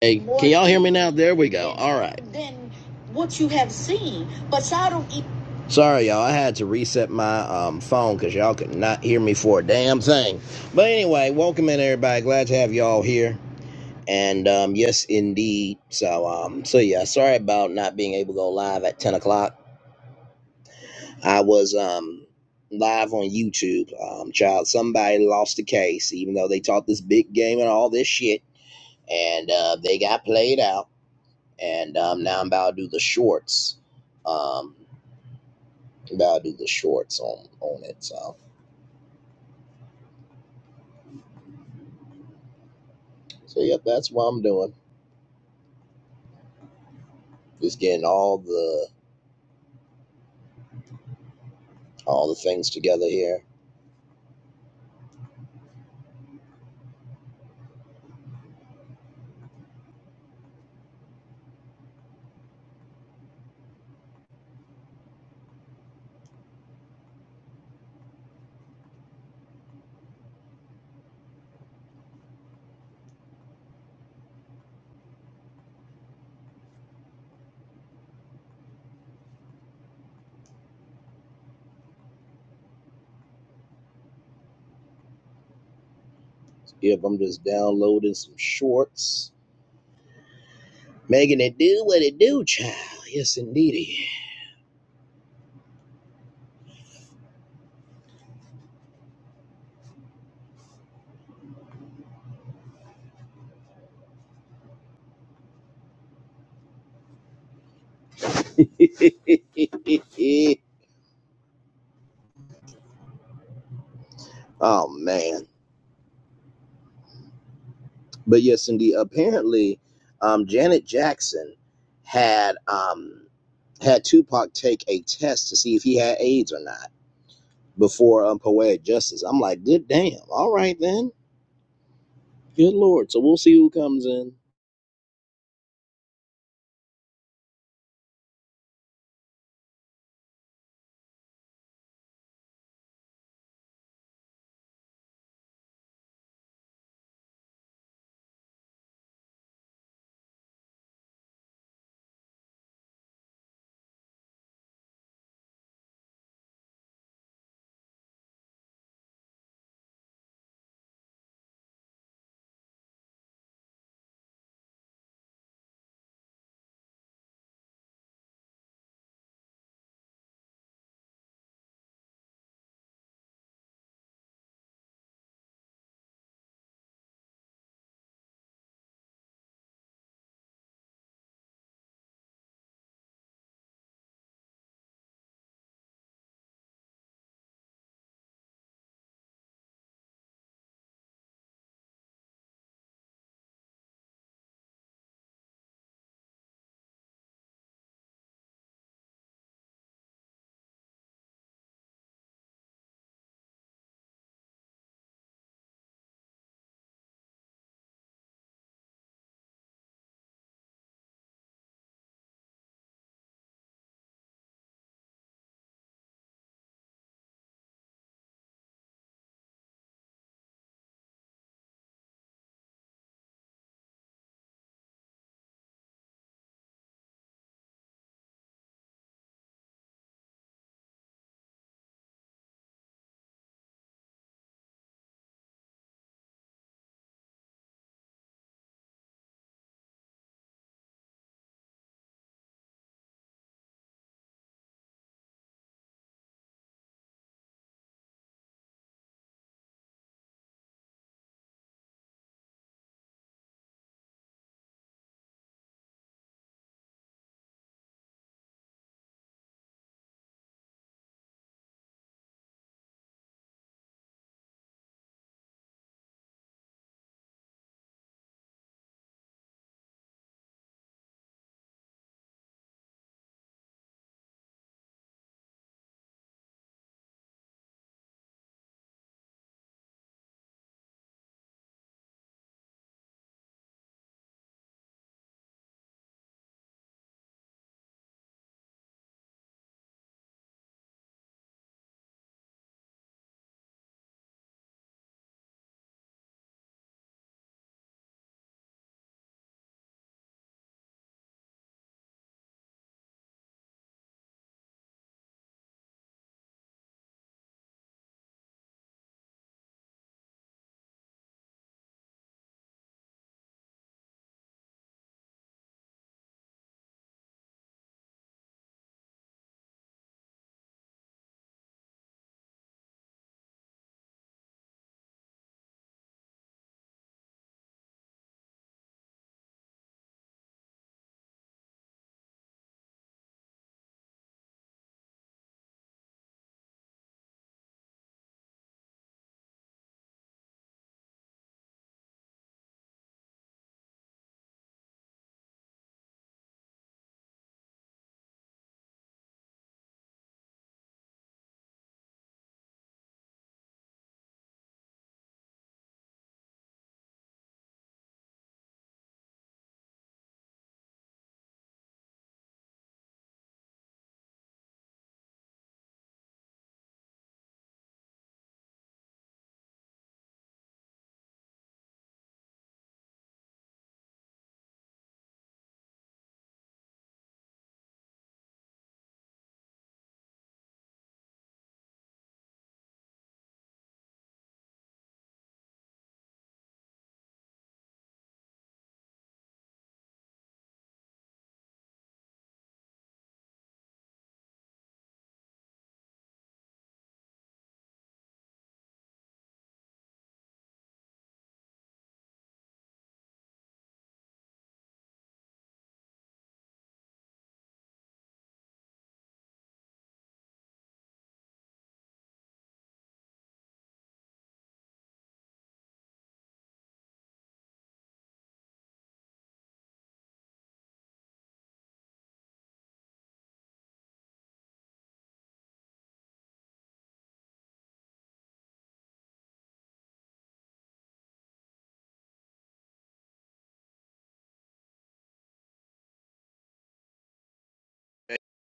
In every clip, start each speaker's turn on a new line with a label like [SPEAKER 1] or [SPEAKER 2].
[SPEAKER 1] Hey, can y'all hear me now? There we go. All right. than what you have seen. But Sodom e- Sorry, y'all. I had to reset my um, phone because y'all could not hear me for a damn thing. But anyway, welcome in, everybody. Glad to have y'all here. And um, yes, indeed. So, um, so yeah. Sorry about not being able to go live at ten o'clock. I was um, live on YouTube. Um, child, somebody lost the case, even though they taught this big game and all this shit, and uh, they got played out and um, now I'm about to do the shorts. Um, I'm about to do the shorts on on it. So, so yep, that's what I'm doing. Just getting all the all the things together here. Yep, I'm just downloading some shorts, making it do what it do, child. Yes, indeedy. oh man, but yes, indeed. Apparently, um, Janet Jackson had um had Tupac take a test to see if he had AIDS or not before um, poetic justice. I'm like, good damn. All right then. Good lord. So we'll see who comes in.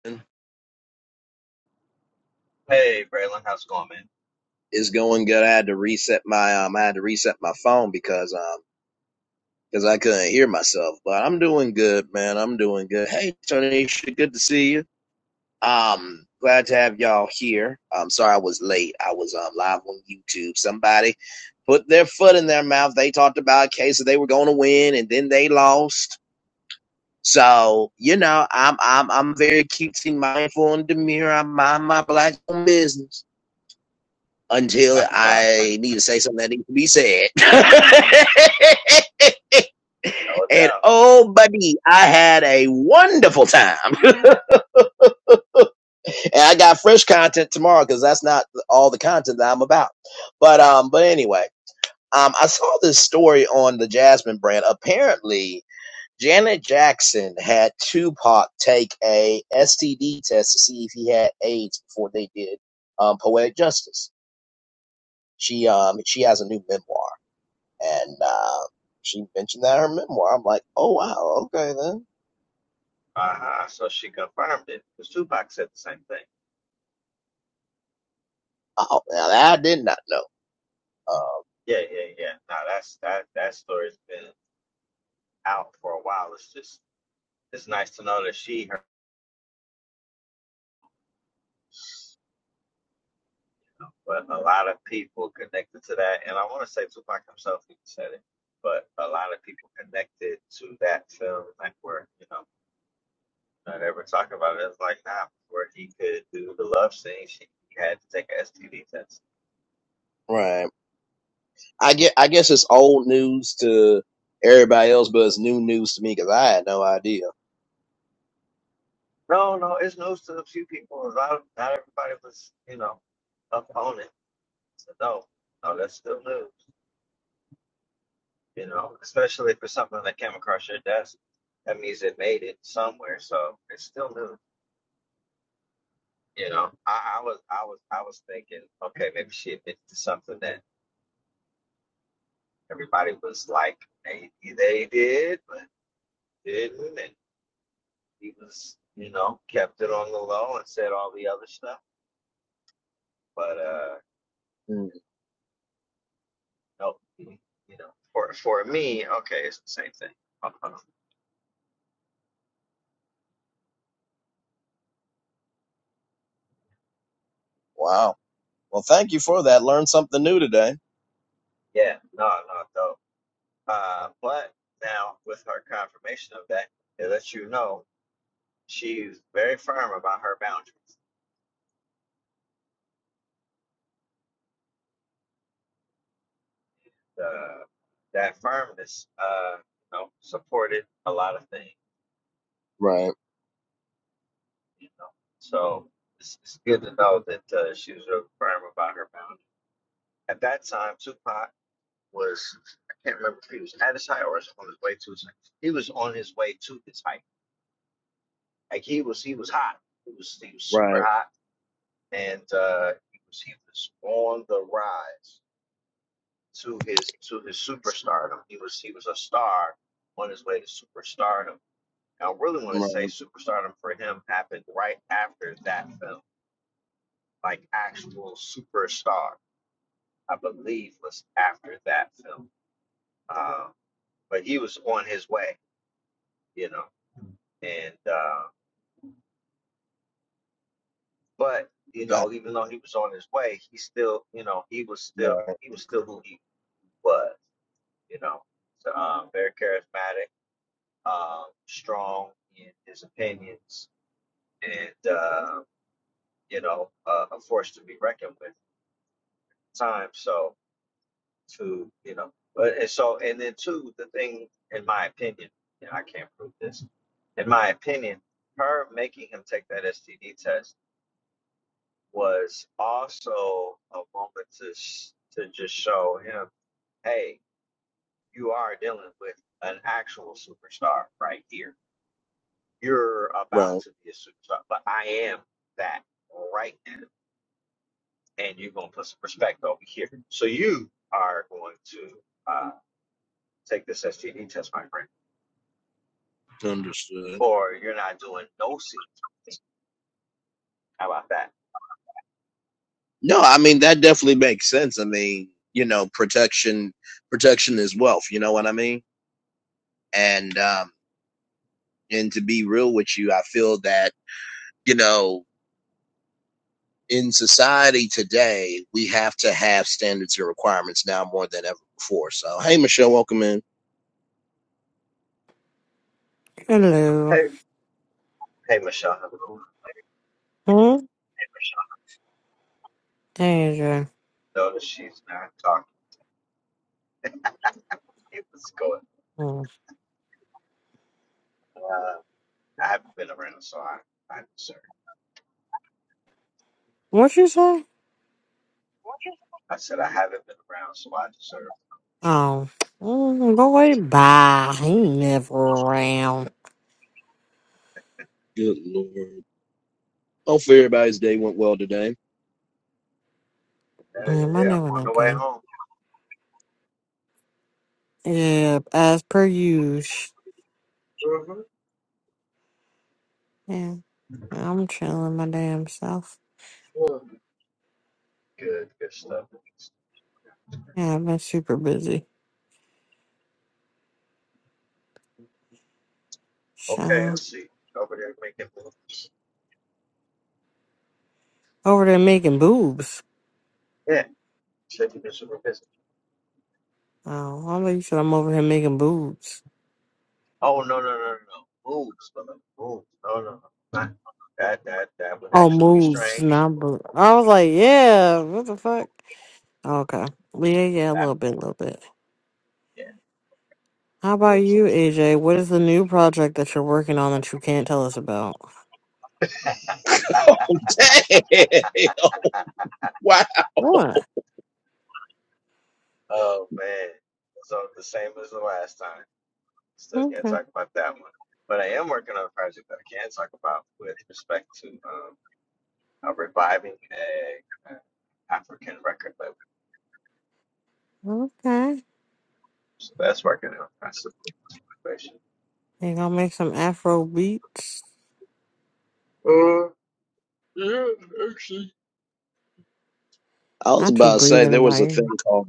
[SPEAKER 1] Man,
[SPEAKER 2] Hey, Braylon, how's it going,
[SPEAKER 1] It's going good. I had to reset my um, I had to reset my phone because um, because I couldn't hear myself. But I'm doing good, man. I'm doing good. Hey, Tanisha, good to see you. Um, glad to have y'all here. I'm sorry I was late. I was um, live on YouTube. Somebody put their foot in their mouth. They talked about a case that they were going to win, and then they lost. So you know, I'm I'm I'm very cutesy, mindful, and demure. I mind my black own business until
[SPEAKER 2] man?
[SPEAKER 1] I need to say something that needs to be said.
[SPEAKER 2] No
[SPEAKER 1] and
[SPEAKER 2] doubt.
[SPEAKER 1] oh, buddy, I had a wonderful time. and I got fresh content tomorrow because that's not all the content that I'm about. But um, but anyway, um, I saw this story on the Jasmine brand. Apparently, Janet Jackson had Tupac take a STD test to see if he had AIDS before they did um, Poetic Justice. She um she has a new memoir, and uh, she mentioned that in her memoir. I'm like, oh wow, okay then.
[SPEAKER 2] Uh-huh. So she confirmed it because Tupac said the same thing.
[SPEAKER 1] Oh, now that I did not know. Uh,
[SPEAKER 2] Yeah, yeah, yeah. No, that's that that story's been out for a while. It's just it's nice to know that she heard, but a lot of people connected to that, and I want to say Tupac himself even said it, but a lot of people connected to that film, like where you know not ever talking about it. It's like nah, where he could do the love scene, she he had to take a STD test
[SPEAKER 1] right. I get, I guess it's old news to everybody else, but it's new news to me because I had no idea.
[SPEAKER 2] No, no, it's news to a few people. Not, not everybody was, you know, up on it. So no, no, that's still news. You know, especially for something that came across your desk, that means it made it somewhere. So it's still news. You know, I, I was, I was, I was thinking, okay, maybe she admitted to something that everybody was like, they, they did, but didn't, and he was, you know, kept it on the low and said all the other stuff. But uh
[SPEAKER 1] Mm.
[SPEAKER 2] No, you know, for for me, okay, it's the same thing. Uh-huh.
[SPEAKER 1] Wow. Well, thank you for that. Learned something new today.
[SPEAKER 2] Yeah, no, no, though. Uh, but now with her confirmation of that, it lets you know she's very firm about her boundaries. The that firmness, uh, you know, supported a lot of things.
[SPEAKER 1] Right.
[SPEAKER 2] You know, so it's, it's good to know that uh, she was real firm about her boundaries. At that time, Tupac was I can't remember if he was at his height or was on his way to his height. He was on his way to his height Like he was he was hot. He was he was super
[SPEAKER 1] Right.
[SPEAKER 2] hot, and uh, he was he was on the rise to his to his superstardom. He was he was a star on his way to superstardom. And I really want to
[SPEAKER 1] Right.
[SPEAKER 2] say superstardom for him happened right after that film, like actual superstar. I believe was after that film. Um, but he was on his way, you know, and uh, but you
[SPEAKER 1] Got
[SPEAKER 2] know,
[SPEAKER 1] you.
[SPEAKER 2] even though he was on his way, he still, you know, he was still
[SPEAKER 1] Right.
[SPEAKER 2] he was still who he was, you know, so, um, very charismatic, um, strong in his opinions, and uh, you know, uh, a force to be reckoned with. At times, so to you know, but and so and then two, the thing, in my opinion, and I can't prove this, in my opinion, her making him take that STD test was also a moment to sh- to just show him, hey, you are dealing with an actual superstar right here You're about
[SPEAKER 1] Right.
[SPEAKER 2] to be a superstar, but I am that right now. And you're going to put some respect over here. So you are going to uh, take this STD test, my friend,
[SPEAKER 1] Understood.
[SPEAKER 2] or you're not doing no scenes with me. How about that?
[SPEAKER 1] No, I mean that
[SPEAKER 2] You
[SPEAKER 1] definitely makes sense. I mean, you know, protection, protection is wealth. You know what I mean? And um, and to be real with you, I feel that you know. in society today, we have to have standards and requirements now more than ever before. So, hey, Michelle, welcome in.
[SPEAKER 2] know?
[SPEAKER 3] Hello.
[SPEAKER 2] Hey, hey, Michelle. how's it going?
[SPEAKER 3] Hmm? Deja.
[SPEAKER 2] Notice she's not talking. to me. was going.
[SPEAKER 3] Hmm.
[SPEAKER 2] Uh, I haven't been around, so I, I deserve.
[SPEAKER 3] What you say?
[SPEAKER 2] I said I haven't been around, so I deserve.
[SPEAKER 3] Oh. Mm, go away. Bye. He never around.
[SPEAKER 1] Good Lord. Hopefully, everybody's day went well today.
[SPEAKER 2] Uh,
[SPEAKER 3] Yeah, my
[SPEAKER 2] yeah,
[SPEAKER 3] day
[SPEAKER 2] I'm
[SPEAKER 3] went
[SPEAKER 2] on the way
[SPEAKER 3] okay.
[SPEAKER 2] home.
[SPEAKER 3] Yeah, as per usual.
[SPEAKER 2] hmm
[SPEAKER 3] Yeah, I'm chilling my damn self.
[SPEAKER 2] Good, good stuff.
[SPEAKER 3] Yeah, I've been super busy.
[SPEAKER 2] Okay,
[SPEAKER 3] So,
[SPEAKER 2] I see. Over there making moves.
[SPEAKER 3] over there making boobs.
[SPEAKER 2] Yeah, said you this super busy.
[SPEAKER 3] Oh, I thought you said I'm over here making boobs.
[SPEAKER 2] Oh no no no no no moves, but moves. No no no. Not, that that that would
[SPEAKER 3] Oh,
[SPEAKER 2] actually be
[SPEAKER 3] moves,
[SPEAKER 2] strange.
[SPEAKER 3] not boobs. I was like, yeah, what the fuck? Okay. Well, Yeah, yeah, a
[SPEAKER 2] That
[SPEAKER 3] little bit, a little bit.
[SPEAKER 2] yeah
[SPEAKER 3] How about
[SPEAKER 2] moves.
[SPEAKER 3] you, AJ? What is the new project that you're working on that you can't tell us about?
[SPEAKER 1] Oh, damn. Wow.
[SPEAKER 3] What?
[SPEAKER 2] Oh man. So the same as the last time. Still can't
[SPEAKER 3] Okay.
[SPEAKER 2] talk about that one. But I am working on a project that I can talk about with respect to um uh, reviving a, a African record label.
[SPEAKER 3] Okay.
[SPEAKER 2] So that's working out. That's a good situation.
[SPEAKER 3] You gonna make some Afro beats?
[SPEAKER 2] Uh, yeah,
[SPEAKER 1] I was
[SPEAKER 3] Not you
[SPEAKER 1] about to say
[SPEAKER 3] breathing in
[SPEAKER 1] there was
[SPEAKER 3] my
[SPEAKER 1] a thing
[SPEAKER 3] ear.
[SPEAKER 1] called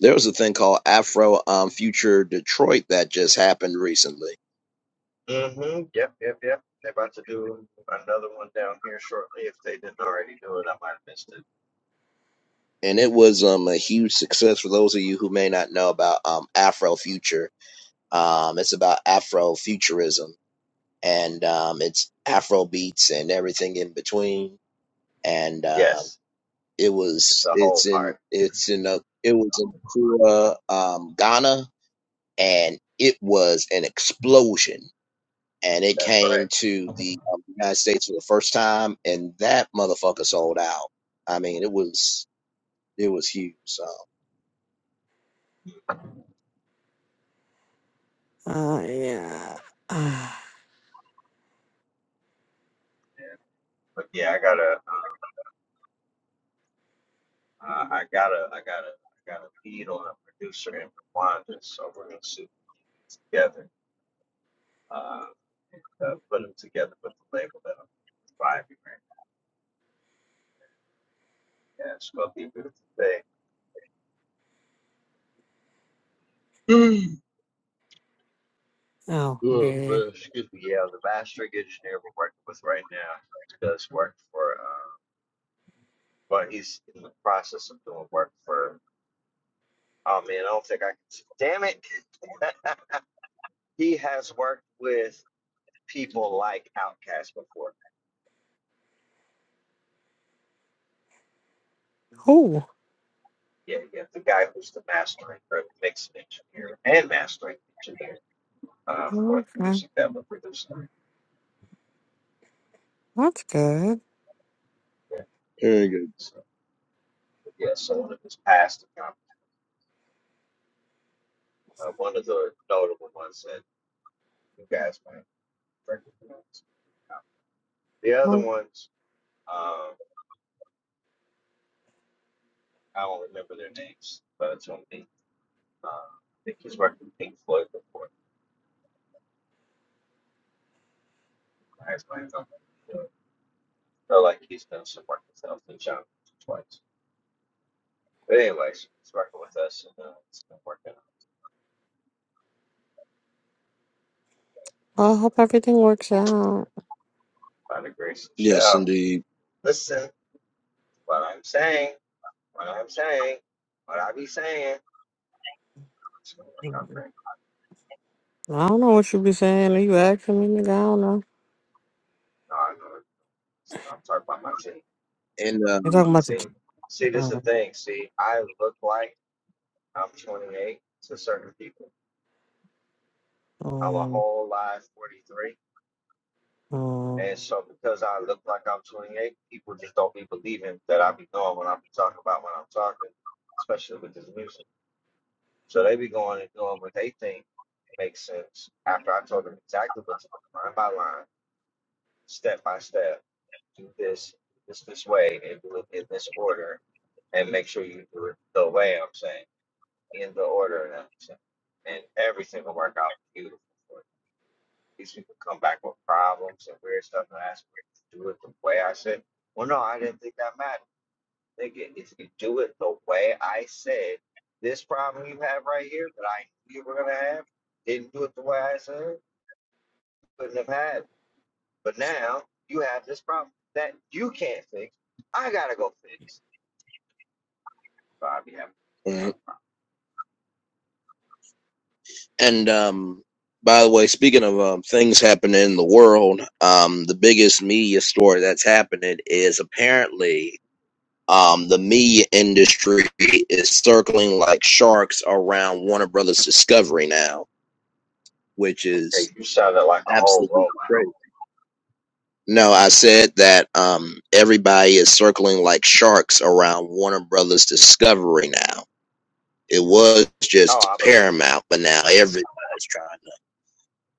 [SPEAKER 1] there was a thing called Afro um, Future Detroit that just happened recently,
[SPEAKER 2] Mm-hmm. Yep, yep, yep. They're about to do another one down here shortly. If they didn't already do it, I might have missed it.
[SPEAKER 1] and it was um, a huge success for those of you who may not know about um, Afro Future. Um, it's about Afrofuturism. and um, it's Afro beats and everything in between. And um,
[SPEAKER 2] Yes,
[SPEAKER 1] it
[SPEAKER 2] it's
[SPEAKER 1] was
[SPEAKER 2] a whole
[SPEAKER 1] it's in
[SPEAKER 2] part.
[SPEAKER 1] it's in a it was in Kura, um, Ghana, and it was an explosion. And it
[SPEAKER 2] That's right.
[SPEAKER 1] came to the um, United States for the first time, and that motherfucker sold out. I mean, it was it was huge. So
[SPEAKER 3] Uh, yeah.
[SPEAKER 2] Yeah. But yeah, I gotta, uh, I gotta, I gotta, I gotta lead on a producer in Rwanda, so we're gonna sit together, uh, and, uh, put them together with the label that I'm providing. Right? Yeah, it's gonna be a beautiful thing. Mm.
[SPEAKER 3] Ah, oh,
[SPEAKER 2] Ugh,
[SPEAKER 3] dear.
[SPEAKER 2] ugh, Excuse me. Yeah, the mastering engineer we're working with right now does work for. uh, but he's in the process of doing work for. Oh man, I don't think I can. Damn it! he has worked with people like Outkast before.
[SPEAKER 3] Oh,
[SPEAKER 2] Yeah, yeah, the guy who's the mastering or mix engineer and mastering engineer uh, for the
[SPEAKER 3] okay.
[SPEAKER 2] music that we're producing.
[SPEAKER 3] That's good.
[SPEAKER 2] Yeah,
[SPEAKER 1] very good.
[SPEAKER 2] so yeah, so one of his past accomplishments, uh, one of the notable ones that you guys might recognize. The other
[SPEAKER 3] Well,
[SPEAKER 2] ones, um, I don't remember their names, but it's on me. Um, I think he's worked with Pink Floyd before. That's my thumb. So like he's done some work with Elton John twice. But anyways, he's working with us and uh, it's been working out
[SPEAKER 3] I hope everything works out.
[SPEAKER 2] by the grace of
[SPEAKER 1] Yes,
[SPEAKER 2] show.
[SPEAKER 1] indeed.
[SPEAKER 2] Listen, what I'm saying, what I'm saying, what I be saying, it's gonna work out
[SPEAKER 3] Mm.
[SPEAKER 2] great.
[SPEAKER 3] I don't know what you be saying. Are you asking me, nigga? I don't know.
[SPEAKER 2] No, I know. I'm talking about my team.
[SPEAKER 1] And
[SPEAKER 3] You're talking about the.
[SPEAKER 2] See,
[SPEAKER 3] ch-
[SPEAKER 2] see, this is the
[SPEAKER 3] Uh,
[SPEAKER 2] thing. See, I look like I'm 28 to certain people. I'm a
[SPEAKER 3] um,
[SPEAKER 2] whole live 43. And so because I look like I'm 28, people just don't be believing that I be doing what I'm talking about when I'm talking, especially with this music. So they be going and doing what they think makes sense after I told them exactly what to do, line by line, step by step, do this, this, this way, and do it in this order, and make sure you do it the way I'm saying, in the order that I'm saying. And everything will work out beautiful these people come back with problems and weird stuff and ask me to do it the way I said. Well, no, I didn't think that mattered. Nigga, if you do it the way I said, this problem you have right here that I knew you were gonna have, didn't do it the way I said, couldn't have had. But now you have this problem that you can't fix. I gotta go fix. So I be having this
[SPEAKER 1] um,
[SPEAKER 2] problem.
[SPEAKER 1] And um, by the way, speaking of um, things happening in the world, um, the biggest media story that's happening is apparently um, the media industry is circling like sharks around Warner Brothers Discovery now, which
[SPEAKER 2] Okay,
[SPEAKER 1] is
[SPEAKER 2] you sounded like a whole
[SPEAKER 1] absolutely
[SPEAKER 2] robot.
[SPEAKER 1] crazy. No, I said that um, everybody is circling like sharks around Warner Brothers Discovery now. It was
[SPEAKER 2] No,
[SPEAKER 1] just
[SPEAKER 2] I believe. it.
[SPEAKER 1] Paramount, but now everybody's trying.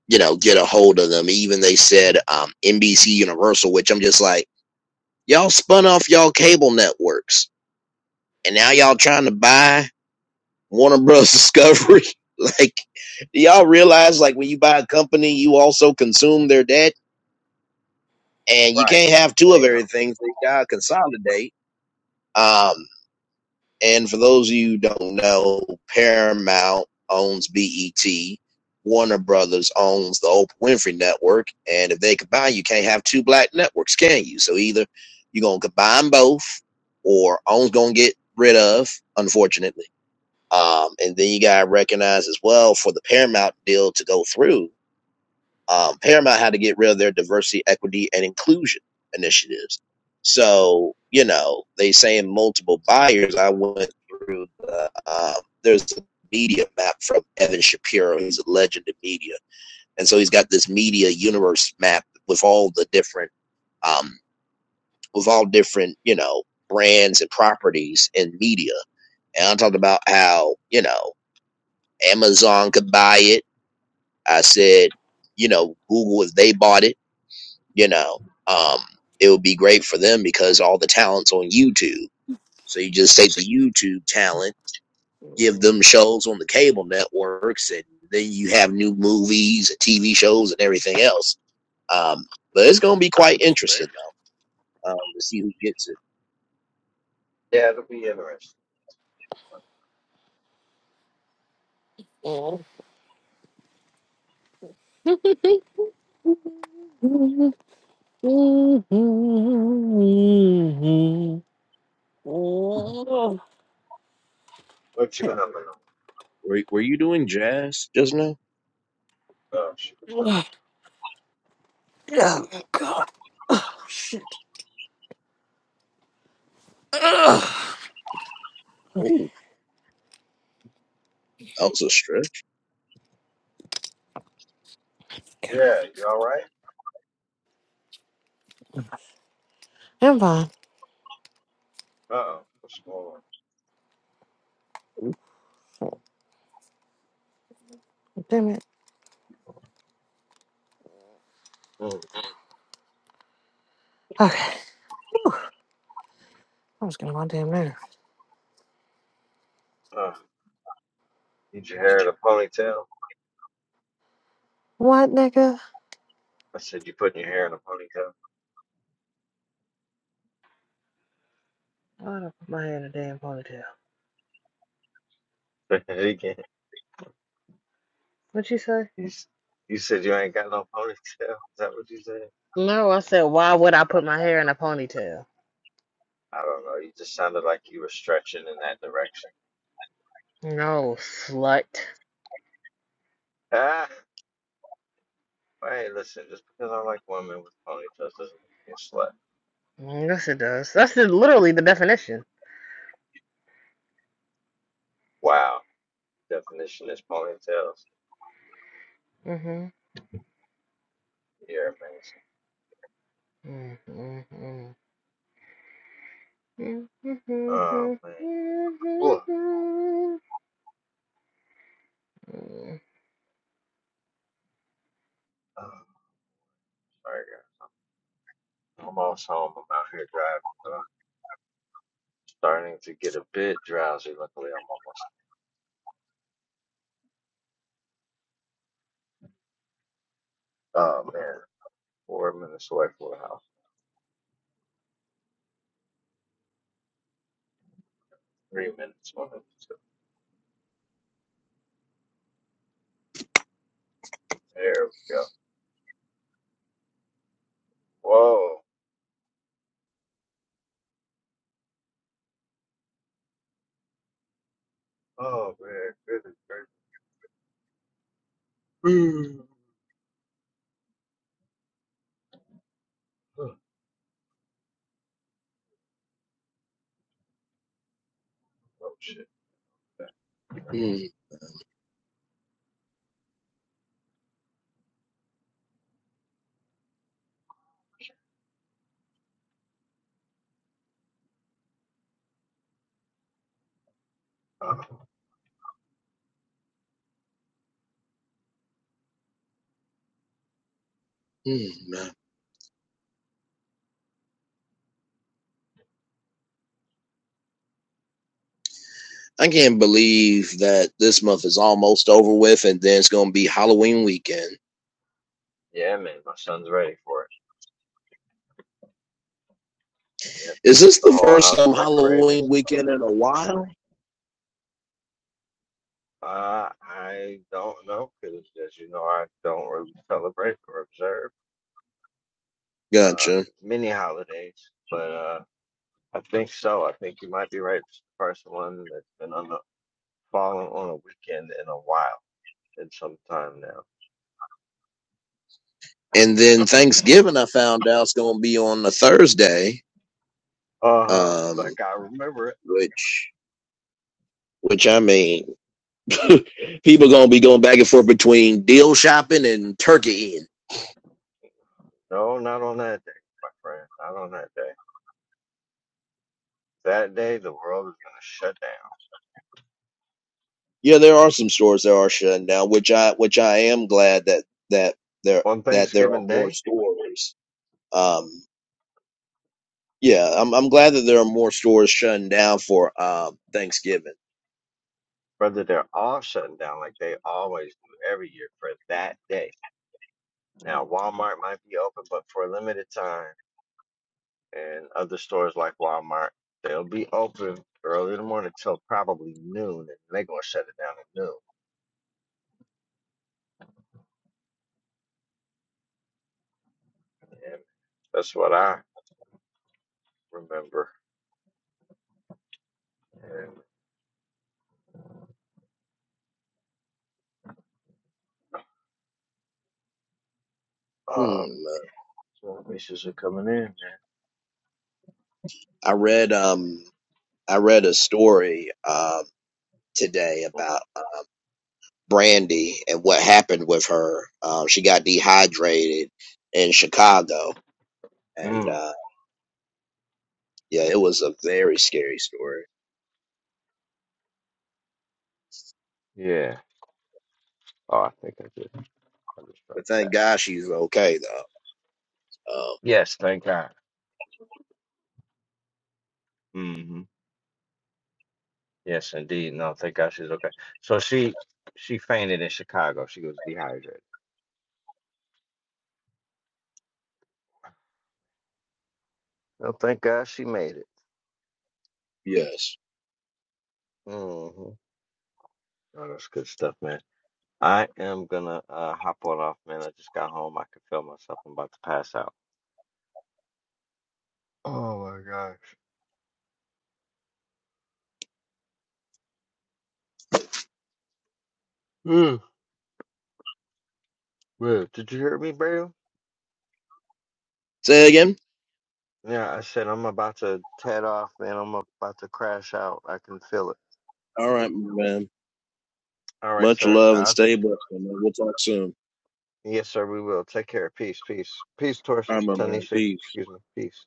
[SPEAKER 1] you know, get a hold of them. Even they said um, NBC Universal, which I'm just like, y'all spun off y'all cable networks, and now y'all trying to buy Warner Bros. Discovery. like, do y'all realize like when you buy a company, you also consume their debt, and you
[SPEAKER 2] Right.
[SPEAKER 1] can't have two of
[SPEAKER 2] Say no.
[SPEAKER 1] everything. So you gotta consolidate. Um, And for those of you who don't know, Paramount owns BET. Warner Brothers owns the Oprah Winfrey Network. And if they combine, you can't have two black networks, can you? So either you're going to combine both or own's going to get rid of, unfortunately. Um, and then you got to recognize as well for the Paramount deal to go through, um, Paramount had to get rid of their diversity, equity, and inclusion initiatives. So you know they saying multiple buyers. I went through the um, there's a media map from Evan Shapiro. He's a legend in media, and so he's got this media universe map with all the different um, with all different you know brands and properties in media. And I talked about how you know Amazon could buy it. I said you know Google if they bought it. you know um it would be great for them because all the talents on youtube so you just take the youtube talent give them shows on the cable networks and then you have new movies and tv shows and everything else um but it's gonna be quite interesting though, um to see who gets it
[SPEAKER 2] Yeah, it'll be interesting.
[SPEAKER 3] um, um, Mhm. Oh,
[SPEAKER 2] What you number?
[SPEAKER 1] were, were you doing jazz just now
[SPEAKER 2] Oh, shoot.
[SPEAKER 3] God. Oh, shit. Ugh. Okay.
[SPEAKER 1] oh that was a stretch
[SPEAKER 3] good.
[SPEAKER 2] Yeah, you all right?
[SPEAKER 3] I'm fine.
[SPEAKER 2] Uh-oh, what's going
[SPEAKER 3] Damn it.
[SPEAKER 2] on? Mm.
[SPEAKER 3] Okay. I was getting my damn nerve.
[SPEAKER 2] Uh, need your hair in a ponytail?
[SPEAKER 3] What, nigga?
[SPEAKER 2] I said you putting your hair in a ponytail.
[SPEAKER 3] Why would I put my hair in a damn ponytail?
[SPEAKER 2] He Again,
[SPEAKER 3] What'd you say?
[SPEAKER 2] you, s- you said you ain't got no ponytail. Is that what you said?
[SPEAKER 3] No, I said, why would I put my hair in a ponytail?
[SPEAKER 2] I don't know. You just sounded like you were stretching in that direction.
[SPEAKER 3] No, slut.
[SPEAKER 2] Ah, hey, listen. Just because I like women with ponytails doesn't make me a slut.
[SPEAKER 3] Mm, Yes, it does. That's the, literally the definition.
[SPEAKER 2] Wow, definition is ponytails. You're amazing.
[SPEAKER 3] Mm-hmm. Mm-hmm.
[SPEAKER 2] Oh
[SPEAKER 3] Mm-hmm.
[SPEAKER 2] man. Ugh.
[SPEAKER 3] Mm-hmm.
[SPEAKER 2] Oh, sorry guys. I'm almost home. I'm out here driving. starting to get a bit drowsy. Luckily, I'm almost, oh man, four minutes away from the house. Three minutes, one minute. So there we go. Whoa. Oh man, goodness gracious. oh shit.
[SPEAKER 1] mm
[SPEAKER 2] Uh,
[SPEAKER 1] mm, man. i can't believe that this month is almost over with and then it's gonna be halloween weekend
[SPEAKER 2] yeah, man, my son's ready for it. Yep,
[SPEAKER 1] Is
[SPEAKER 2] got
[SPEAKER 1] this
[SPEAKER 2] the
[SPEAKER 1] the
[SPEAKER 2] whole
[SPEAKER 1] first
[SPEAKER 2] house
[SPEAKER 1] um,
[SPEAKER 2] decorated.
[SPEAKER 1] Halloween weekend in a while?
[SPEAKER 2] Uh, I don't know because, as you know, I don't really celebrate or observe uh,
[SPEAKER 1] Gotcha.
[SPEAKER 2] many holidays, but uh, I think so. I think you might be right. It's the first one that's been on. the fallen on a weekend in a while, in some time now.
[SPEAKER 1] And then Thanksgiving, I found out is going to be on a Thursday,
[SPEAKER 2] Uh huh.
[SPEAKER 1] um,
[SPEAKER 2] Like I remember it.
[SPEAKER 1] which which I mean, people are going to be going back and forth between deal shopping and turkey eating.
[SPEAKER 2] No, not on that day, my friend. Not on that day. That day, the world is gonna shut down.
[SPEAKER 1] Yeah, there are some stores that are shutting down, which I which I am glad that that there
[SPEAKER 2] On
[SPEAKER 1] that there are
[SPEAKER 2] Thanksgiving
[SPEAKER 1] more
[SPEAKER 2] Day,
[SPEAKER 1] stores. Um, yeah, I'm I'm glad that there are more stores shutting down for um, Thanksgiving.
[SPEAKER 2] brother, they're all shutting down like they always do every year for that day. Now, Walmart might be open, but for a limited time, and other stores like Walmart, they'll be open early in the morning till probably noon, and they're gonna shut it down at noon. And that's what I remember. Um,
[SPEAKER 1] Hmm.
[SPEAKER 2] donations are coming in, man.
[SPEAKER 1] I read. Um, I read a story um, today about uh, Brandy and what happened with her. Um, she got dehydrated in Chicago, and
[SPEAKER 2] Mm,
[SPEAKER 1] uh, yeah, it was a very scary story.
[SPEAKER 2] yeah. Oh, I think I just, I just dropped
[SPEAKER 1] But thank
[SPEAKER 2] that.
[SPEAKER 1] God she's okay though. Um,
[SPEAKER 2] Yes, thank God. hmm Yes, indeed. No, thank God she's okay. So she she fainted in Chicago. She was dehydrated. No, thank God she made it.
[SPEAKER 1] yes.
[SPEAKER 2] hmm Oh, that's good stuff, man. I am gonna uh, hop on off, man. I just got home. I can feel myself. I'm about to pass out. Oh my gosh. Ugh, man, did you hear me, Brady?
[SPEAKER 1] Say again.
[SPEAKER 2] Yeah, I said I'm about to head off, man. I'm about to crash out. I can feel it.
[SPEAKER 1] All right, my man.
[SPEAKER 2] All right,
[SPEAKER 1] Much
[SPEAKER 2] sir.
[SPEAKER 1] love and
[SPEAKER 2] I,
[SPEAKER 1] stay blessed. my Man. We'll talk soon.
[SPEAKER 2] yes, sir. We will take care. Peace, peace, peace,
[SPEAKER 1] All
[SPEAKER 2] Torsa,
[SPEAKER 1] right, my man.
[SPEAKER 2] Tanisha.
[SPEAKER 1] Peace.
[SPEAKER 2] Excuse me. Peace.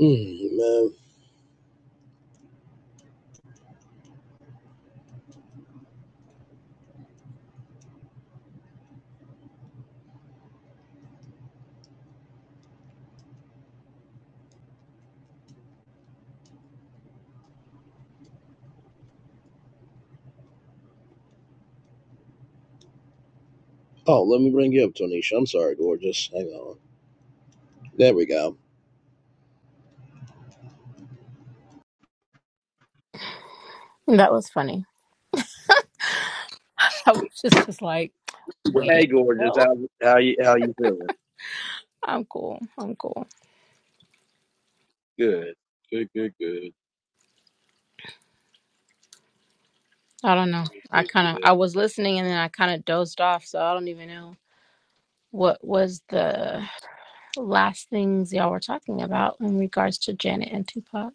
[SPEAKER 1] Mm, man. Oh, let me bring you up, Tonisha. I'm sorry, gorgeous. Hang on. There we go.
[SPEAKER 4] That was funny. I was like,
[SPEAKER 1] Hey, gorgeous.
[SPEAKER 4] "No,
[SPEAKER 1] How how you how you feeling?
[SPEAKER 4] I'm cool. I'm cool.
[SPEAKER 1] Good, good, good, good,
[SPEAKER 4] I don't know. I
[SPEAKER 1] good,
[SPEAKER 4] kind of
[SPEAKER 1] good.
[SPEAKER 4] I was listening and then I kind of dozed off, so I don't even know what was the last things y'all were talking about in regards to Janet and Tupac.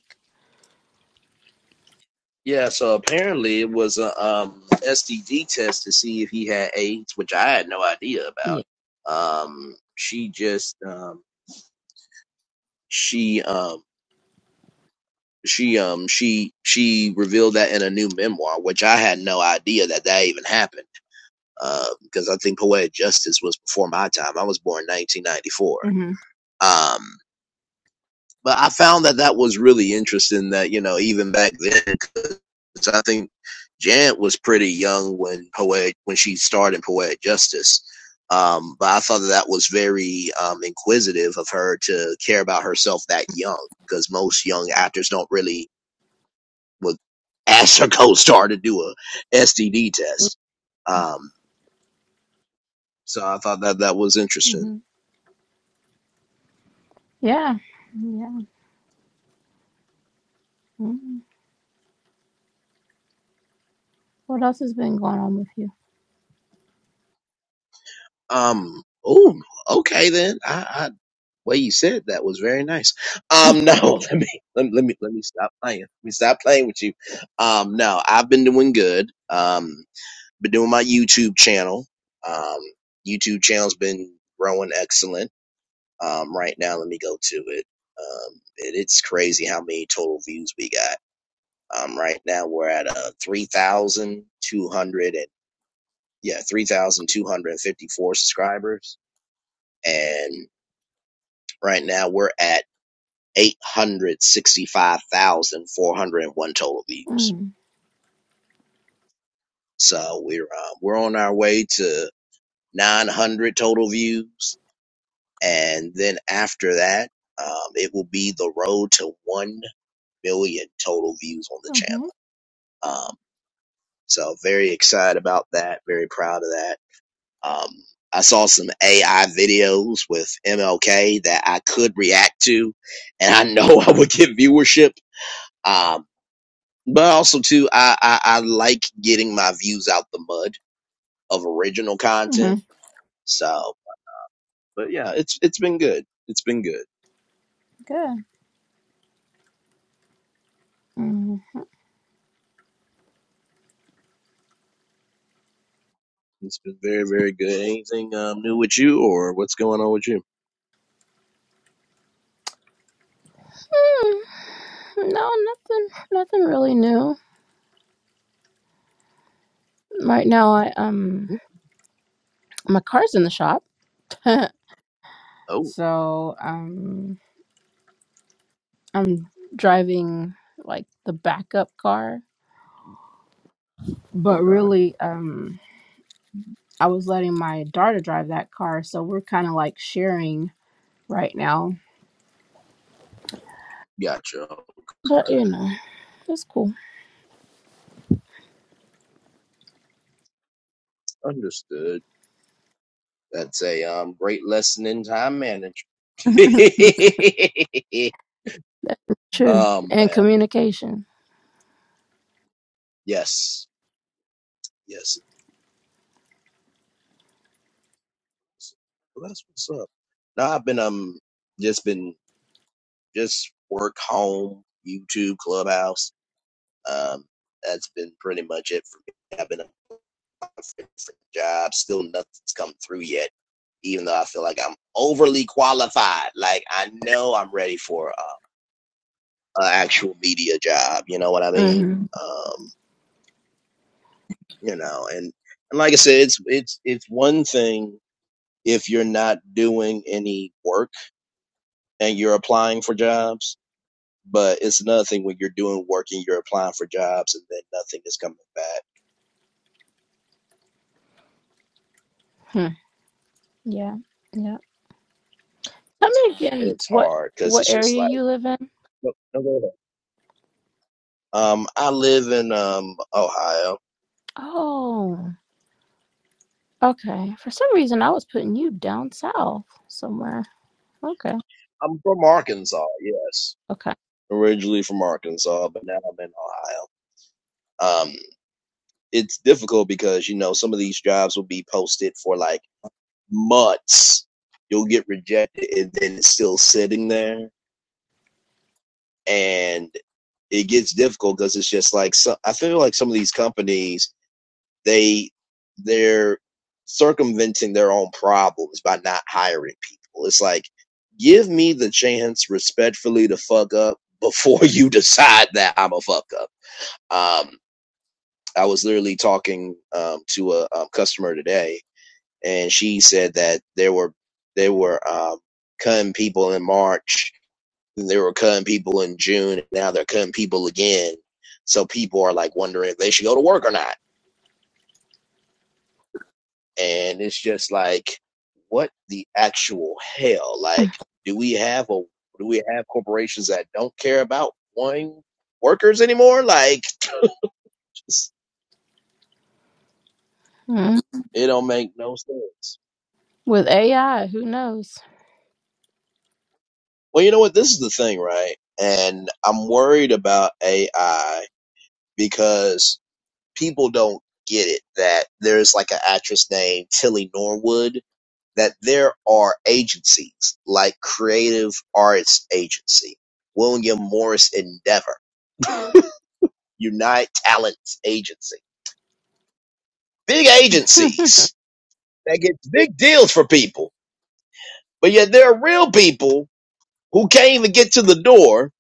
[SPEAKER 1] Yeah, so apparently it was a um, STD test to see if he had AIDS, which I had no idea about.
[SPEAKER 4] Yeah.
[SPEAKER 1] Um, she just um, she um, she um, she she revealed that in a new memoir, which I had no idea that that even happened. Because uh, I think Poetic Justice was before my time. I was born 1994.
[SPEAKER 4] hmm
[SPEAKER 1] But I found that that was really interesting. That you know, even back then, 'cause I think Janet was pretty young when poetic when she started in Poetic Justice. Um, but I thought that that was very um, inquisitive of her to care about herself that young, because most young actors don't really would ask her co-star to do a STD test. Um, so I thought that that was interesting.
[SPEAKER 4] hmm Yeah. Yeah. hmm What else has been going on with you?
[SPEAKER 1] Um, oh, okay then. I, I way you said that was very nice. Um, no, let me let me let me, let me stop playing. Let me stop playing with you. Um, no, I've been doing good. Um, been doing my YouTube channel. Um, YouTube channel's been growing excellent. Um, right now, let me go to it. Um, it, it's crazy how many total views we got. Um, right now we're at uh three thousand two hundred and yeah three thousand two hundred and fifty four subscribers and right now we're at eight hundred sixty five thousand four hundred and one total views. So we're uh, we're on our way to nine hundred total views, and then after that, um, it will be the road to one million total views on the channel.
[SPEAKER 4] Mm-hmm.
[SPEAKER 1] Um, so very excited about that. Very proud of that. Um, I saw some AI videos with MLK that I could react to, and I know I would get viewership. Um, But also too, I, I I like getting my views out the mud of original
[SPEAKER 4] hmm
[SPEAKER 1] content. So, but yeah, it's it's been good. It's been good.
[SPEAKER 4] Good. hmm
[SPEAKER 1] It's been very very good. Anything um, new with you, or what's going on with you?
[SPEAKER 4] No, nothing. Nothing really new. Right now, I um,
[SPEAKER 1] Hmm?
[SPEAKER 4] my car's in the shop.
[SPEAKER 1] Oh,
[SPEAKER 4] So um, I'm driving like the backup car, but
[SPEAKER 1] okay,
[SPEAKER 4] really, um, I was letting my daughter drive that car. So we're kind of like sharing right now.
[SPEAKER 1] gotcha.
[SPEAKER 4] But you know, it's cool.
[SPEAKER 1] Understood. That's a um great lesson in time management.
[SPEAKER 4] True.
[SPEAKER 1] um
[SPEAKER 4] And
[SPEAKER 1] man,
[SPEAKER 4] communication.
[SPEAKER 1] yes, yes. Well, that's what's up. Now I've been um just been just work, home, YouTube, Clubhouse. Um, that's been pretty much it for me. I've been applying for different jobs, still nothing's come through yet. Even though I feel like I'm overly qualified, like I know I'm ready for uh, an actual media job. You know what I mean?
[SPEAKER 4] hmm
[SPEAKER 1] Um, you know, and and like I said, it's it's it's one thing if you're not doing any work and you're applying for jobs But it's another thing when you're doing work and you're applying for jobs and then nothing is coming back,
[SPEAKER 4] Hmm. Yeah. Yeah. Tell me
[SPEAKER 1] and
[SPEAKER 4] again
[SPEAKER 1] it's
[SPEAKER 4] what
[SPEAKER 1] hard because
[SPEAKER 4] what
[SPEAKER 1] it's just
[SPEAKER 4] area
[SPEAKER 1] like,
[SPEAKER 4] you live in.
[SPEAKER 1] no, no, go ahead. Um, I live in um Ohio.
[SPEAKER 4] Oh, okay. For some reason, I was putting you down south somewhere. Okay.
[SPEAKER 1] I'm from Arkansas, yes,
[SPEAKER 4] Okay.
[SPEAKER 1] originally from Arkansas, but now I'm in Ohio. Um, it's difficult because you know some of these jobs will be posted for like months. You'll get rejected, and then it's still sitting there, and it gets difficult because it's just like so, I feel like some of these companies they they're circumventing their own problems by not hiring people. It's like, give me the chance respectfully to fuck up before you decide that I'm a fuck up. Um, I was literally talking um, to a, um customer today, and she said that there were they were um, cutting people in March, and they were cutting people in June, and now they're cutting people again. So people are like wondering if they should go to work or not and it's just like what the actual hell like do we have a do we have corporations that don't care about wanting workers anymore like just,
[SPEAKER 4] Mhm.
[SPEAKER 1] it don't make no sense
[SPEAKER 4] With AI, who knows?
[SPEAKER 1] well you know what this is the thing right and i'm worried about ai because people don't get it that there's like an actress named tilly norwood that there are agencies like creative arts agency william morris endeavor Unite Talent Agency. Big
[SPEAKER 4] Hmm.
[SPEAKER 1] agencies that get big deals for people, but yet there are real people who can't even get to the door.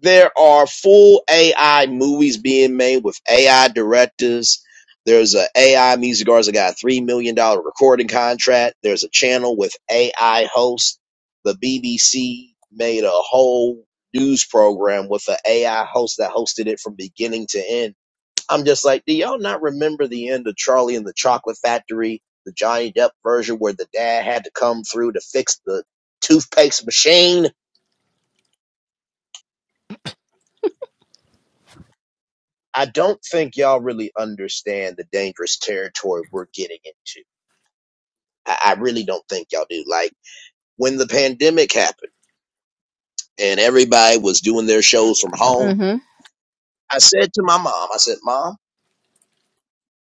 [SPEAKER 1] There are full AI movies being made with AI directors. There's a AI music artist that got a three million dollar recording contract. There's a channel with AI hosts. The BBC made a whole news program with an AI host that hosted it from beginning to end I'm just like, do y'all not remember the end of Charlie and the Chocolate Factory, the Johnny Depp version where the dad had to come through to fix the toothpaste machine? I don't think y'all really understand the dangerous territory we're getting into. I, I really don't think y'all do. Like when the pandemic happened and everybody was doing their shows from home,
[SPEAKER 4] Mm-hmm.
[SPEAKER 1] I said to my mom, I said, Mom,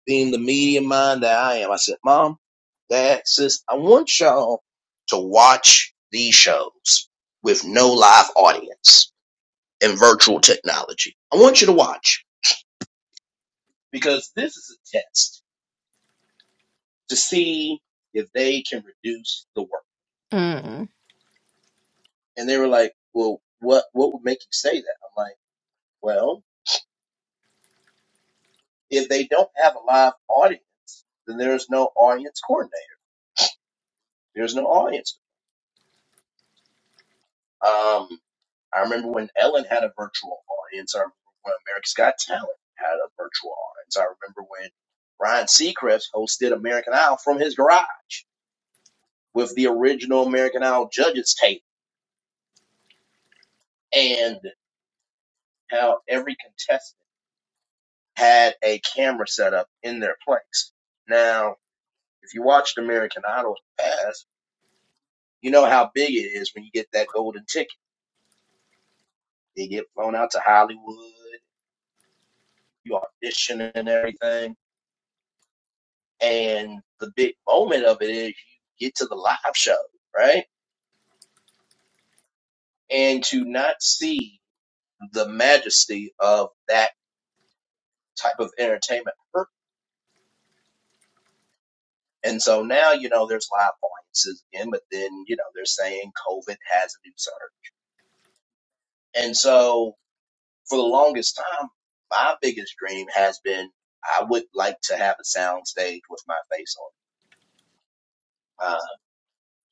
[SPEAKER 1] being the media mind that I am, I said, Mom, Dad, sis, I want y'all to watch these shows with no live audience and virtual technology. I want you to watch because this is a test to see if they can reduce the work.
[SPEAKER 4] Mm.
[SPEAKER 1] And they were like, Well, what what would make you say that? I'm like, Well, if they don't have a live audience, then there's no audience coordinator. There's no audience. Um, I remember when Ellen had a virtual audience. I remember when America's Got Talent had a virtual audience. I remember when Ryan Seacrest hosted American Idol from his garage with the original American Idol judges tape and how every contestant had a camera set up in their place. Now, if you watched American Idol in the past, you know how big it is when you get that golden ticket. They get flown out to Hollywood, you audition and everything And the big moment of it is you get to the live show, right? And to not see the majesty of that type of entertainment. And so now, you know, there's live audiences again, but then, you know, they're saying COVID has a new surge. And so for the longest time, my biggest dream has been I would like to have a sound stage with my face on it. Uh,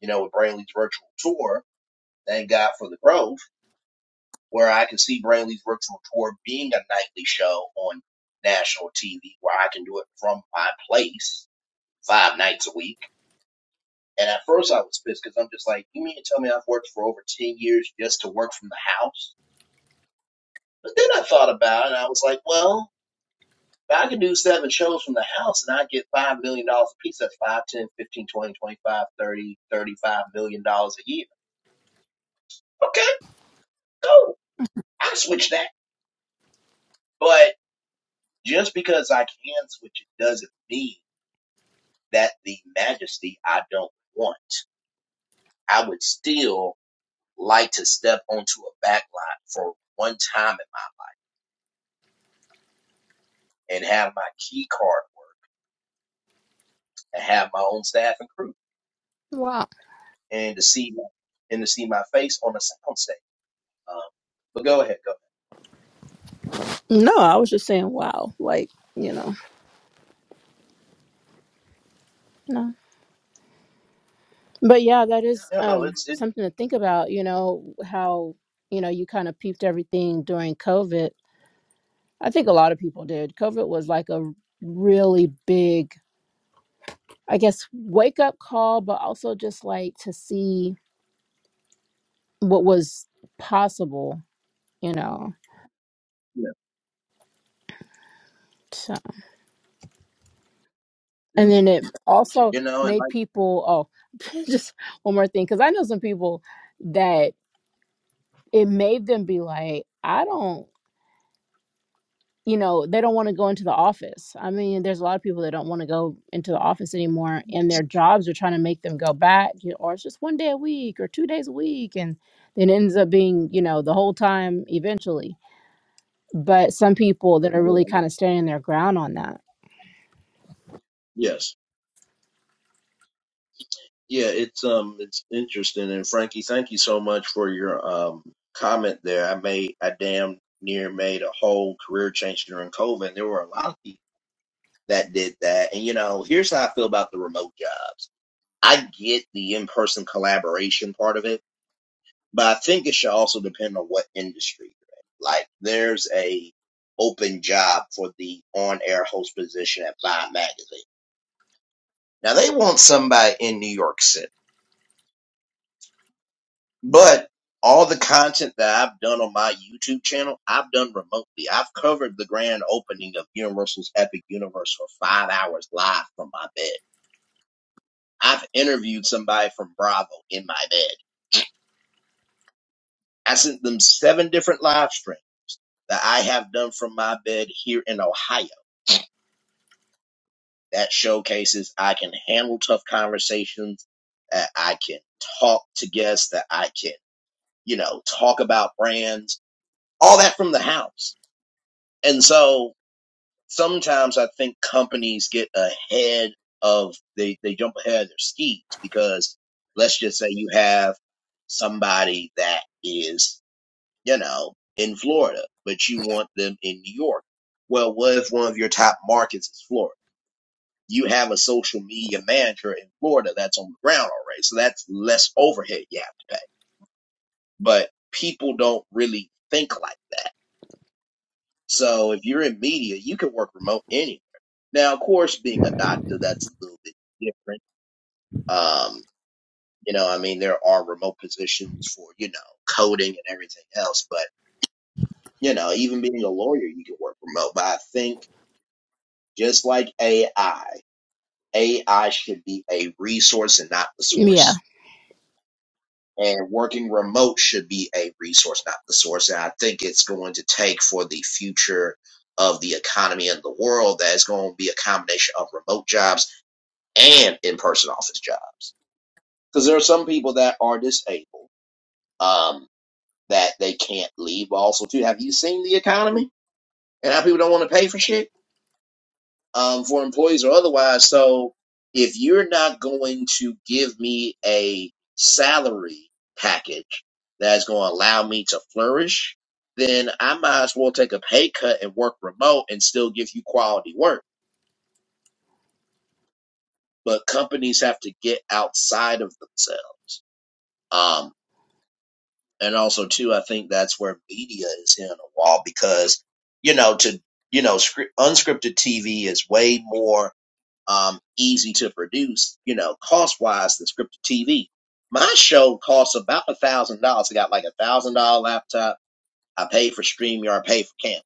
[SPEAKER 1] you know, with Brainley's virtual tour, thank God for the growth where I can see Brainley's virtual tour being a nightly show on national TV where I can do it from my place five nights a week. And at first I was pissed because I'm just like, you mean to tell me I've worked for over 10 years just to work from the house? But then I thought about it and I was like, well, if I can do seven shows from the house and I get $5 million dollars a piece, that's five, ten, fifteen, twenty, twenty-five, thirty, thirty-five million dollars a year. Okay, go. I switch that. But just because I can switch it doesn't mean that the majesty I don't want. I would still like to step onto a back lot for one time in my life and have my key card work and have my own staff and crew
[SPEAKER 4] Wow.
[SPEAKER 1] and to see my, and to see my face on the sound stage. Um, but go ahead, go
[SPEAKER 4] No, I was just saying wow. Like, you know. No. But yeah, that is
[SPEAKER 1] ahead. You know,
[SPEAKER 4] um
[SPEAKER 1] it's it,
[SPEAKER 4] something to think about, you know, how, you know, you kind of peeped everything during COVID. I think a lot of people did. COVID was like a really big, I guess, wake up call, but also just like to see what was possible, you know.
[SPEAKER 1] yeah,
[SPEAKER 4] So,
[SPEAKER 1] yeah.
[SPEAKER 4] and then it also
[SPEAKER 1] you know, and
[SPEAKER 4] made
[SPEAKER 1] like
[SPEAKER 4] people, oh, just one more thing, because I know some people that it made them be like, I don't, you know, they don't want to go into the office. I mean, there's a lot of people that don't want to go into the office anymore, and their jobs are trying to make them go back, you know, or it's just one day a week or two days a week. And then it ends up being, you know, the whole time eventually. But some people that are really
[SPEAKER 1] yeah,
[SPEAKER 4] kind of standing their ground on that.
[SPEAKER 1] yes. Yeah, it's um it's interesting and Frankie, thank you so much for your um comment there. I made I damn near made a whole career change during COVID. and There were a lot of people that did that. And you know, here's how I feel about the remote jobs. I get the in-person collaboration part of it, but I think it should also depend on what industry you're in. Like there's a open job for the on-air host position at Vibe magazine. Now they want somebody in New York City But all the content that I've done on my YouTube channel, I've done remotely. I've covered the grand opening of Universal's Epic Universe for five hours live from my bed. I've interviewed somebody from Bravo in my bed. I sent them seven different live streams that I have done from my bed here in Ohio that showcases I can handle tough conversations, that I can talk to guests, that I can, you know, talk about brands, all that from the house. And so sometimes I think companies get ahead of they they jump ahead of their skis because let's just say you have somebody that is you know in Florida, but you want them in New York. Well, what if one of your top markets is Florida? You have a social media manager in Florida that's on the ground already, so that's less overhead you have to pay. But people don't really think like that So if you're in media, you can work remote anywhere. Now, of course, being a doctor, that's a little bit different. Um, you know, I mean, there are remote positions for, you know, coding and everything else, but, you know, even being a lawyer, you can work remote. But I think just like AI, AI should be a resource and not the
[SPEAKER 4] Yeah.
[SPEAKER 1] source And working remote should be a resource, not the source. And I think it's going to take for the future of the economy and the world that it's going to be a combination of remote jobs and in person office jobs. Because there are some people that are disabled um, that they can't leave. But also, too, have you seen the economy and how people don't want to pay for shit? um, for employees or otherwise. So if you're not going to give me a salary package that's going to allow me to flourish, then I might as well take a pay cut and work remote and still give you quality work. But companies have to get outside of themselves. Um, and also too, I think that's where media is hitting a wall because, you know, to, you know, script, unscripted TV is way more um, easy to produce, you know, cost wise than scripted TV. My show costs about a thousand dollars. I got like a thousand dollar laptop. I pay for StreamYard, I pay for Camp.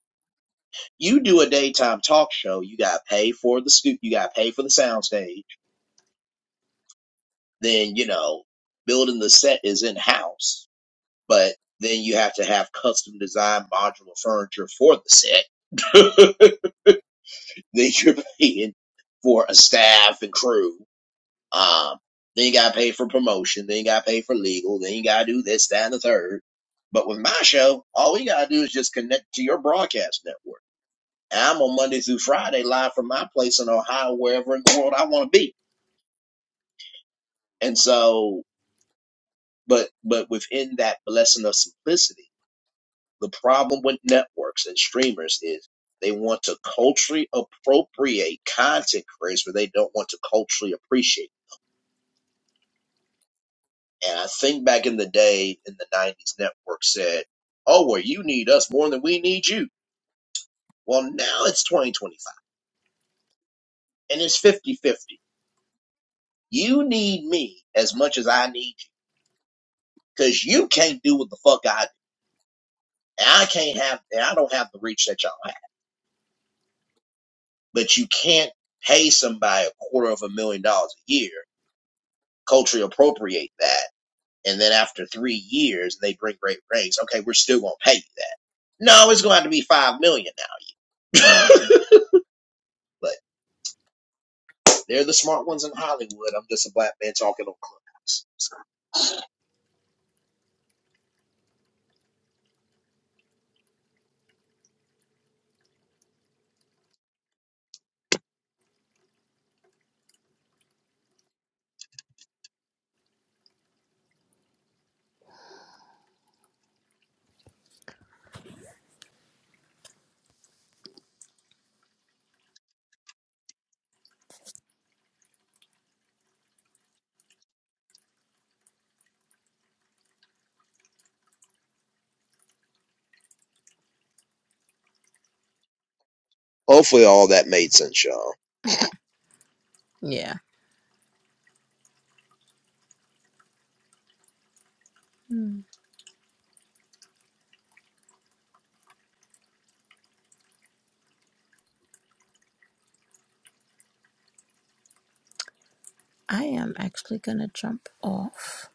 [SPEAKER 1] You do a daytime talk show, you gotta pay for the scoop, you gotta pay for the soundstage. Then, you know, building the set is in house, but then you have to have custom designed modular furniture for the set. then you're paying for a staff and crew. Um, then you got to pay for promotion. Then you got to pay for legal. Then you got to do this, that, and the third. But with my show, all you got to do is just connect to your broadcast network. And I'm on Monday through Friday live from my place in Ohio, wherever in the world I want to be. And so, but, but within that blessing of simplicity, the problem with networks and streamers is they want to culturally appropriate content creators, but they don't want to culturally appreciate. And I think back in the day in the 90s, Network said, oh, well, you need us more than we need you. Well, now it's 2025 and it's fifty-fifty. You need me as much as I need you because you can't do what the fuck I do. And I can't have, and I don't have the reach that y'all have. But you can't pay somebody a quarter of a million dollars a year, culturally appropriate that. And then after three years, they bring great ratings. Okay, we're still going to pay you that. No, it's going to have to be five million now. But They're the smart ones in Hollywood. I'm just a black man talking on Clubhouse. So hopefully, all that made sense, y'all.
[SPEAKER 4] Yeah. Mm. I am actually going to jump off,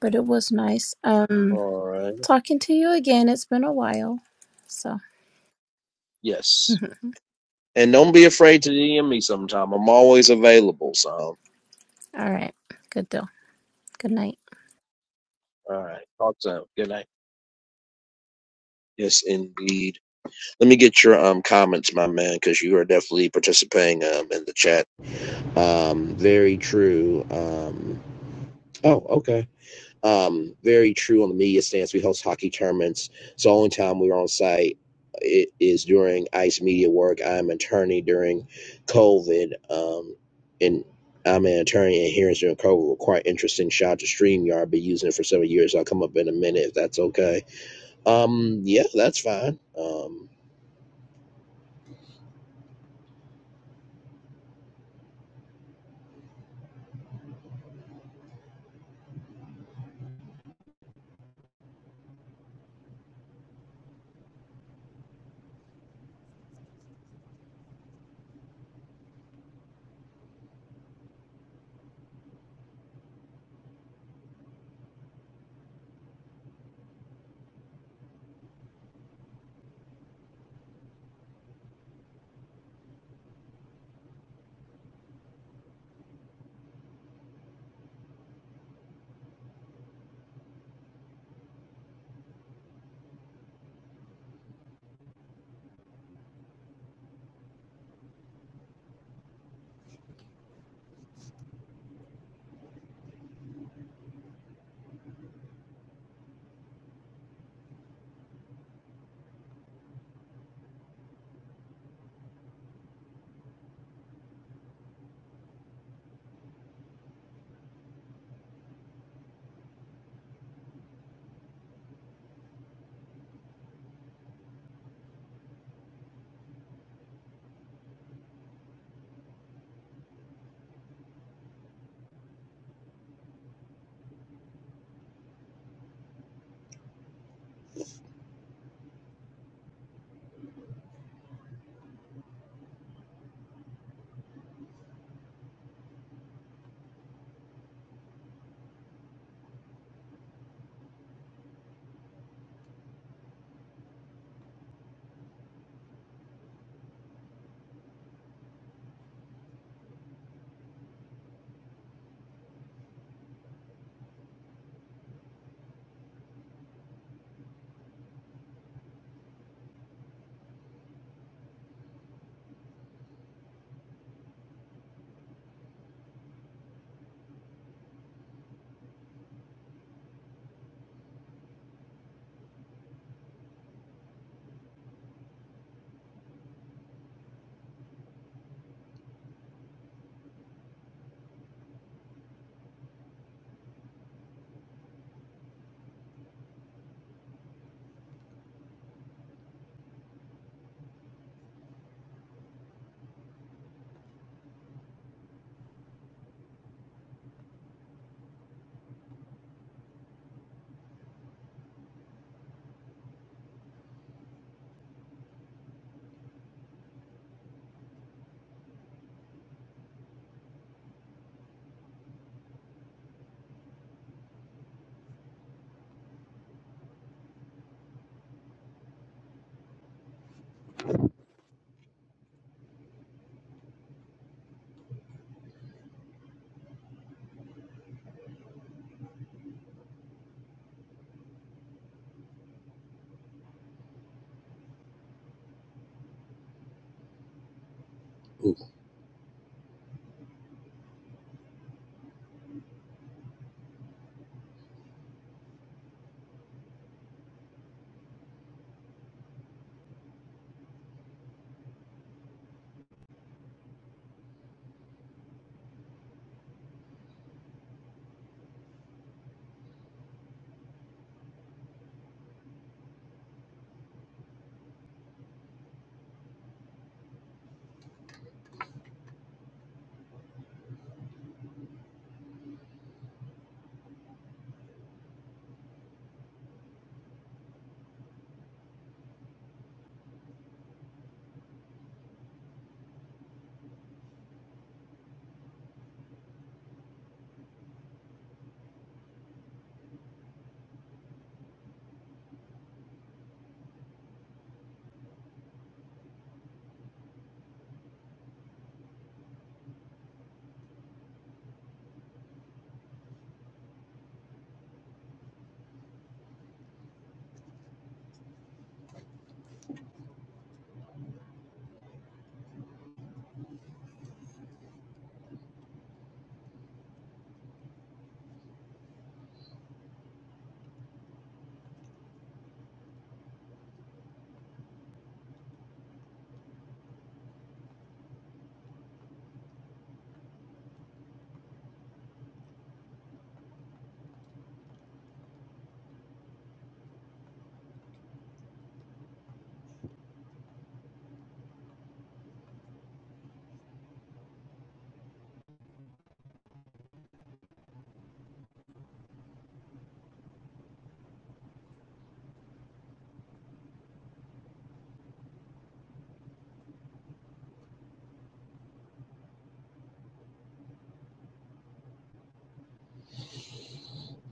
[SPEAKER 4] but it was nice um
[SPEAKER 1] All right.
[SPEAKER 4] talking to you again. It's been a while. So.
[SPEAKER 1] Yes. And don't be afraid to DM me sometime. I'm always available. So,
[SPEAKER 4] All right. Good deal. Good night.
[SPEAKER 1] all right. Talk soon. Good night. Yes, indeed. Let me get your um comments, my man, because you are definitely participating um in the chat. Um, very true. Um, oh, okay. um, very true on the media stance. We host hockey tournaments. So the only time we are on site it is during ICE media work. I'm an attorney during COVID, um, and I'm an attorney and hearings during COVID were quite interesting. Shout out to StreamYard. i been using it for several years. I'll come up in a minute if that's okay. Um, yeah, that's fine. Um,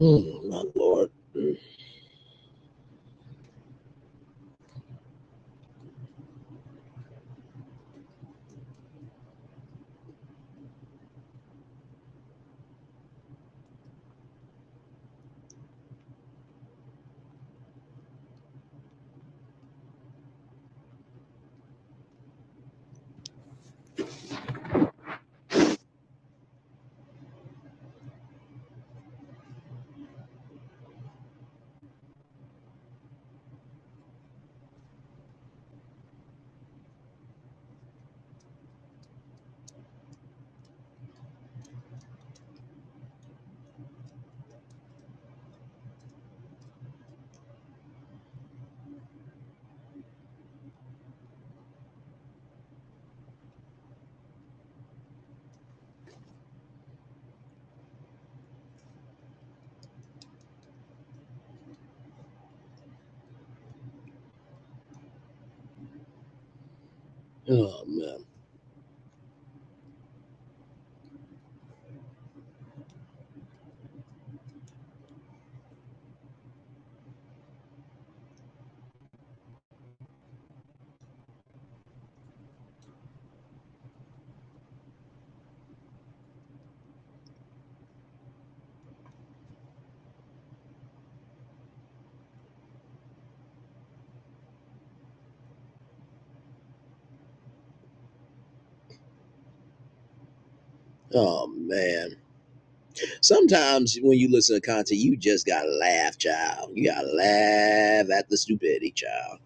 [SPEAKER 1] mm, my lord. Mm, Oh man. Oh man. Sometimes when you listen to content, you just gotta laugh, child. You gotta laugh at the stupidity, child.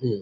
[SPEAKER 1] Hmm.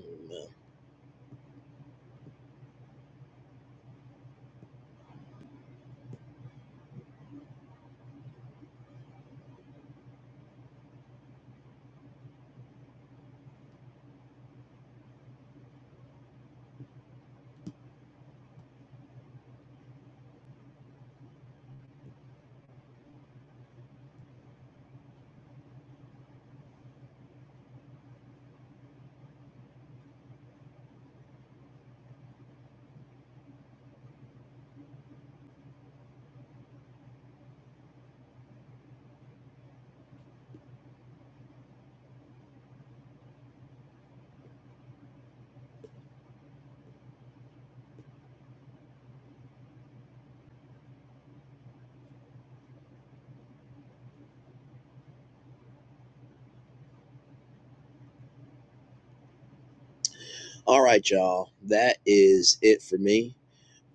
[SPEAKER 1] All right, y'all. That is it for me.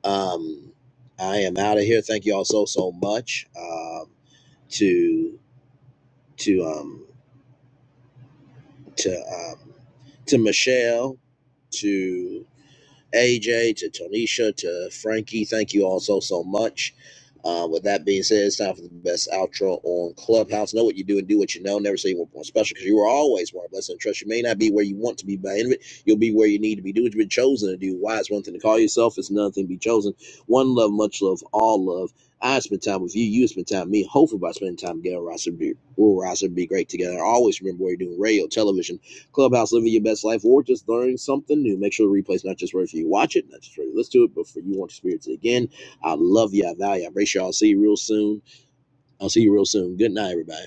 [SPEAKER 1] Um, I am out of here. Thank you all so so much. Um, to to um to um, to Michelle, to AJ, to Tonisha, to Frankie. Thank you all so so much. Uh, with that being said, it's time for the best outro on Clubhouse. Know what you do and do what you know. Never say you were born special because you were always more blessed and trust. You may not be where you want to be by the end of it. You'll be where you need to be. Do what you've been chosen to do. Why is one thing to call yourself? It's another thing to be chosen. One love, much love, all love. I spend time with you. You spend time with me. Hopefully, by spending time together, we'll rise be, we'll rise and be great together. Always remember where you're doing radio, television Clubhouse Living Your Best Life or just learning something new. Make sure the replay's not just right for you. Watch it, not just right for you. Listen to it, but for you want to experience it again. I love you. I value you. I embrace you. I'll see you real soon. I'll see you real soon. Good night, everybody.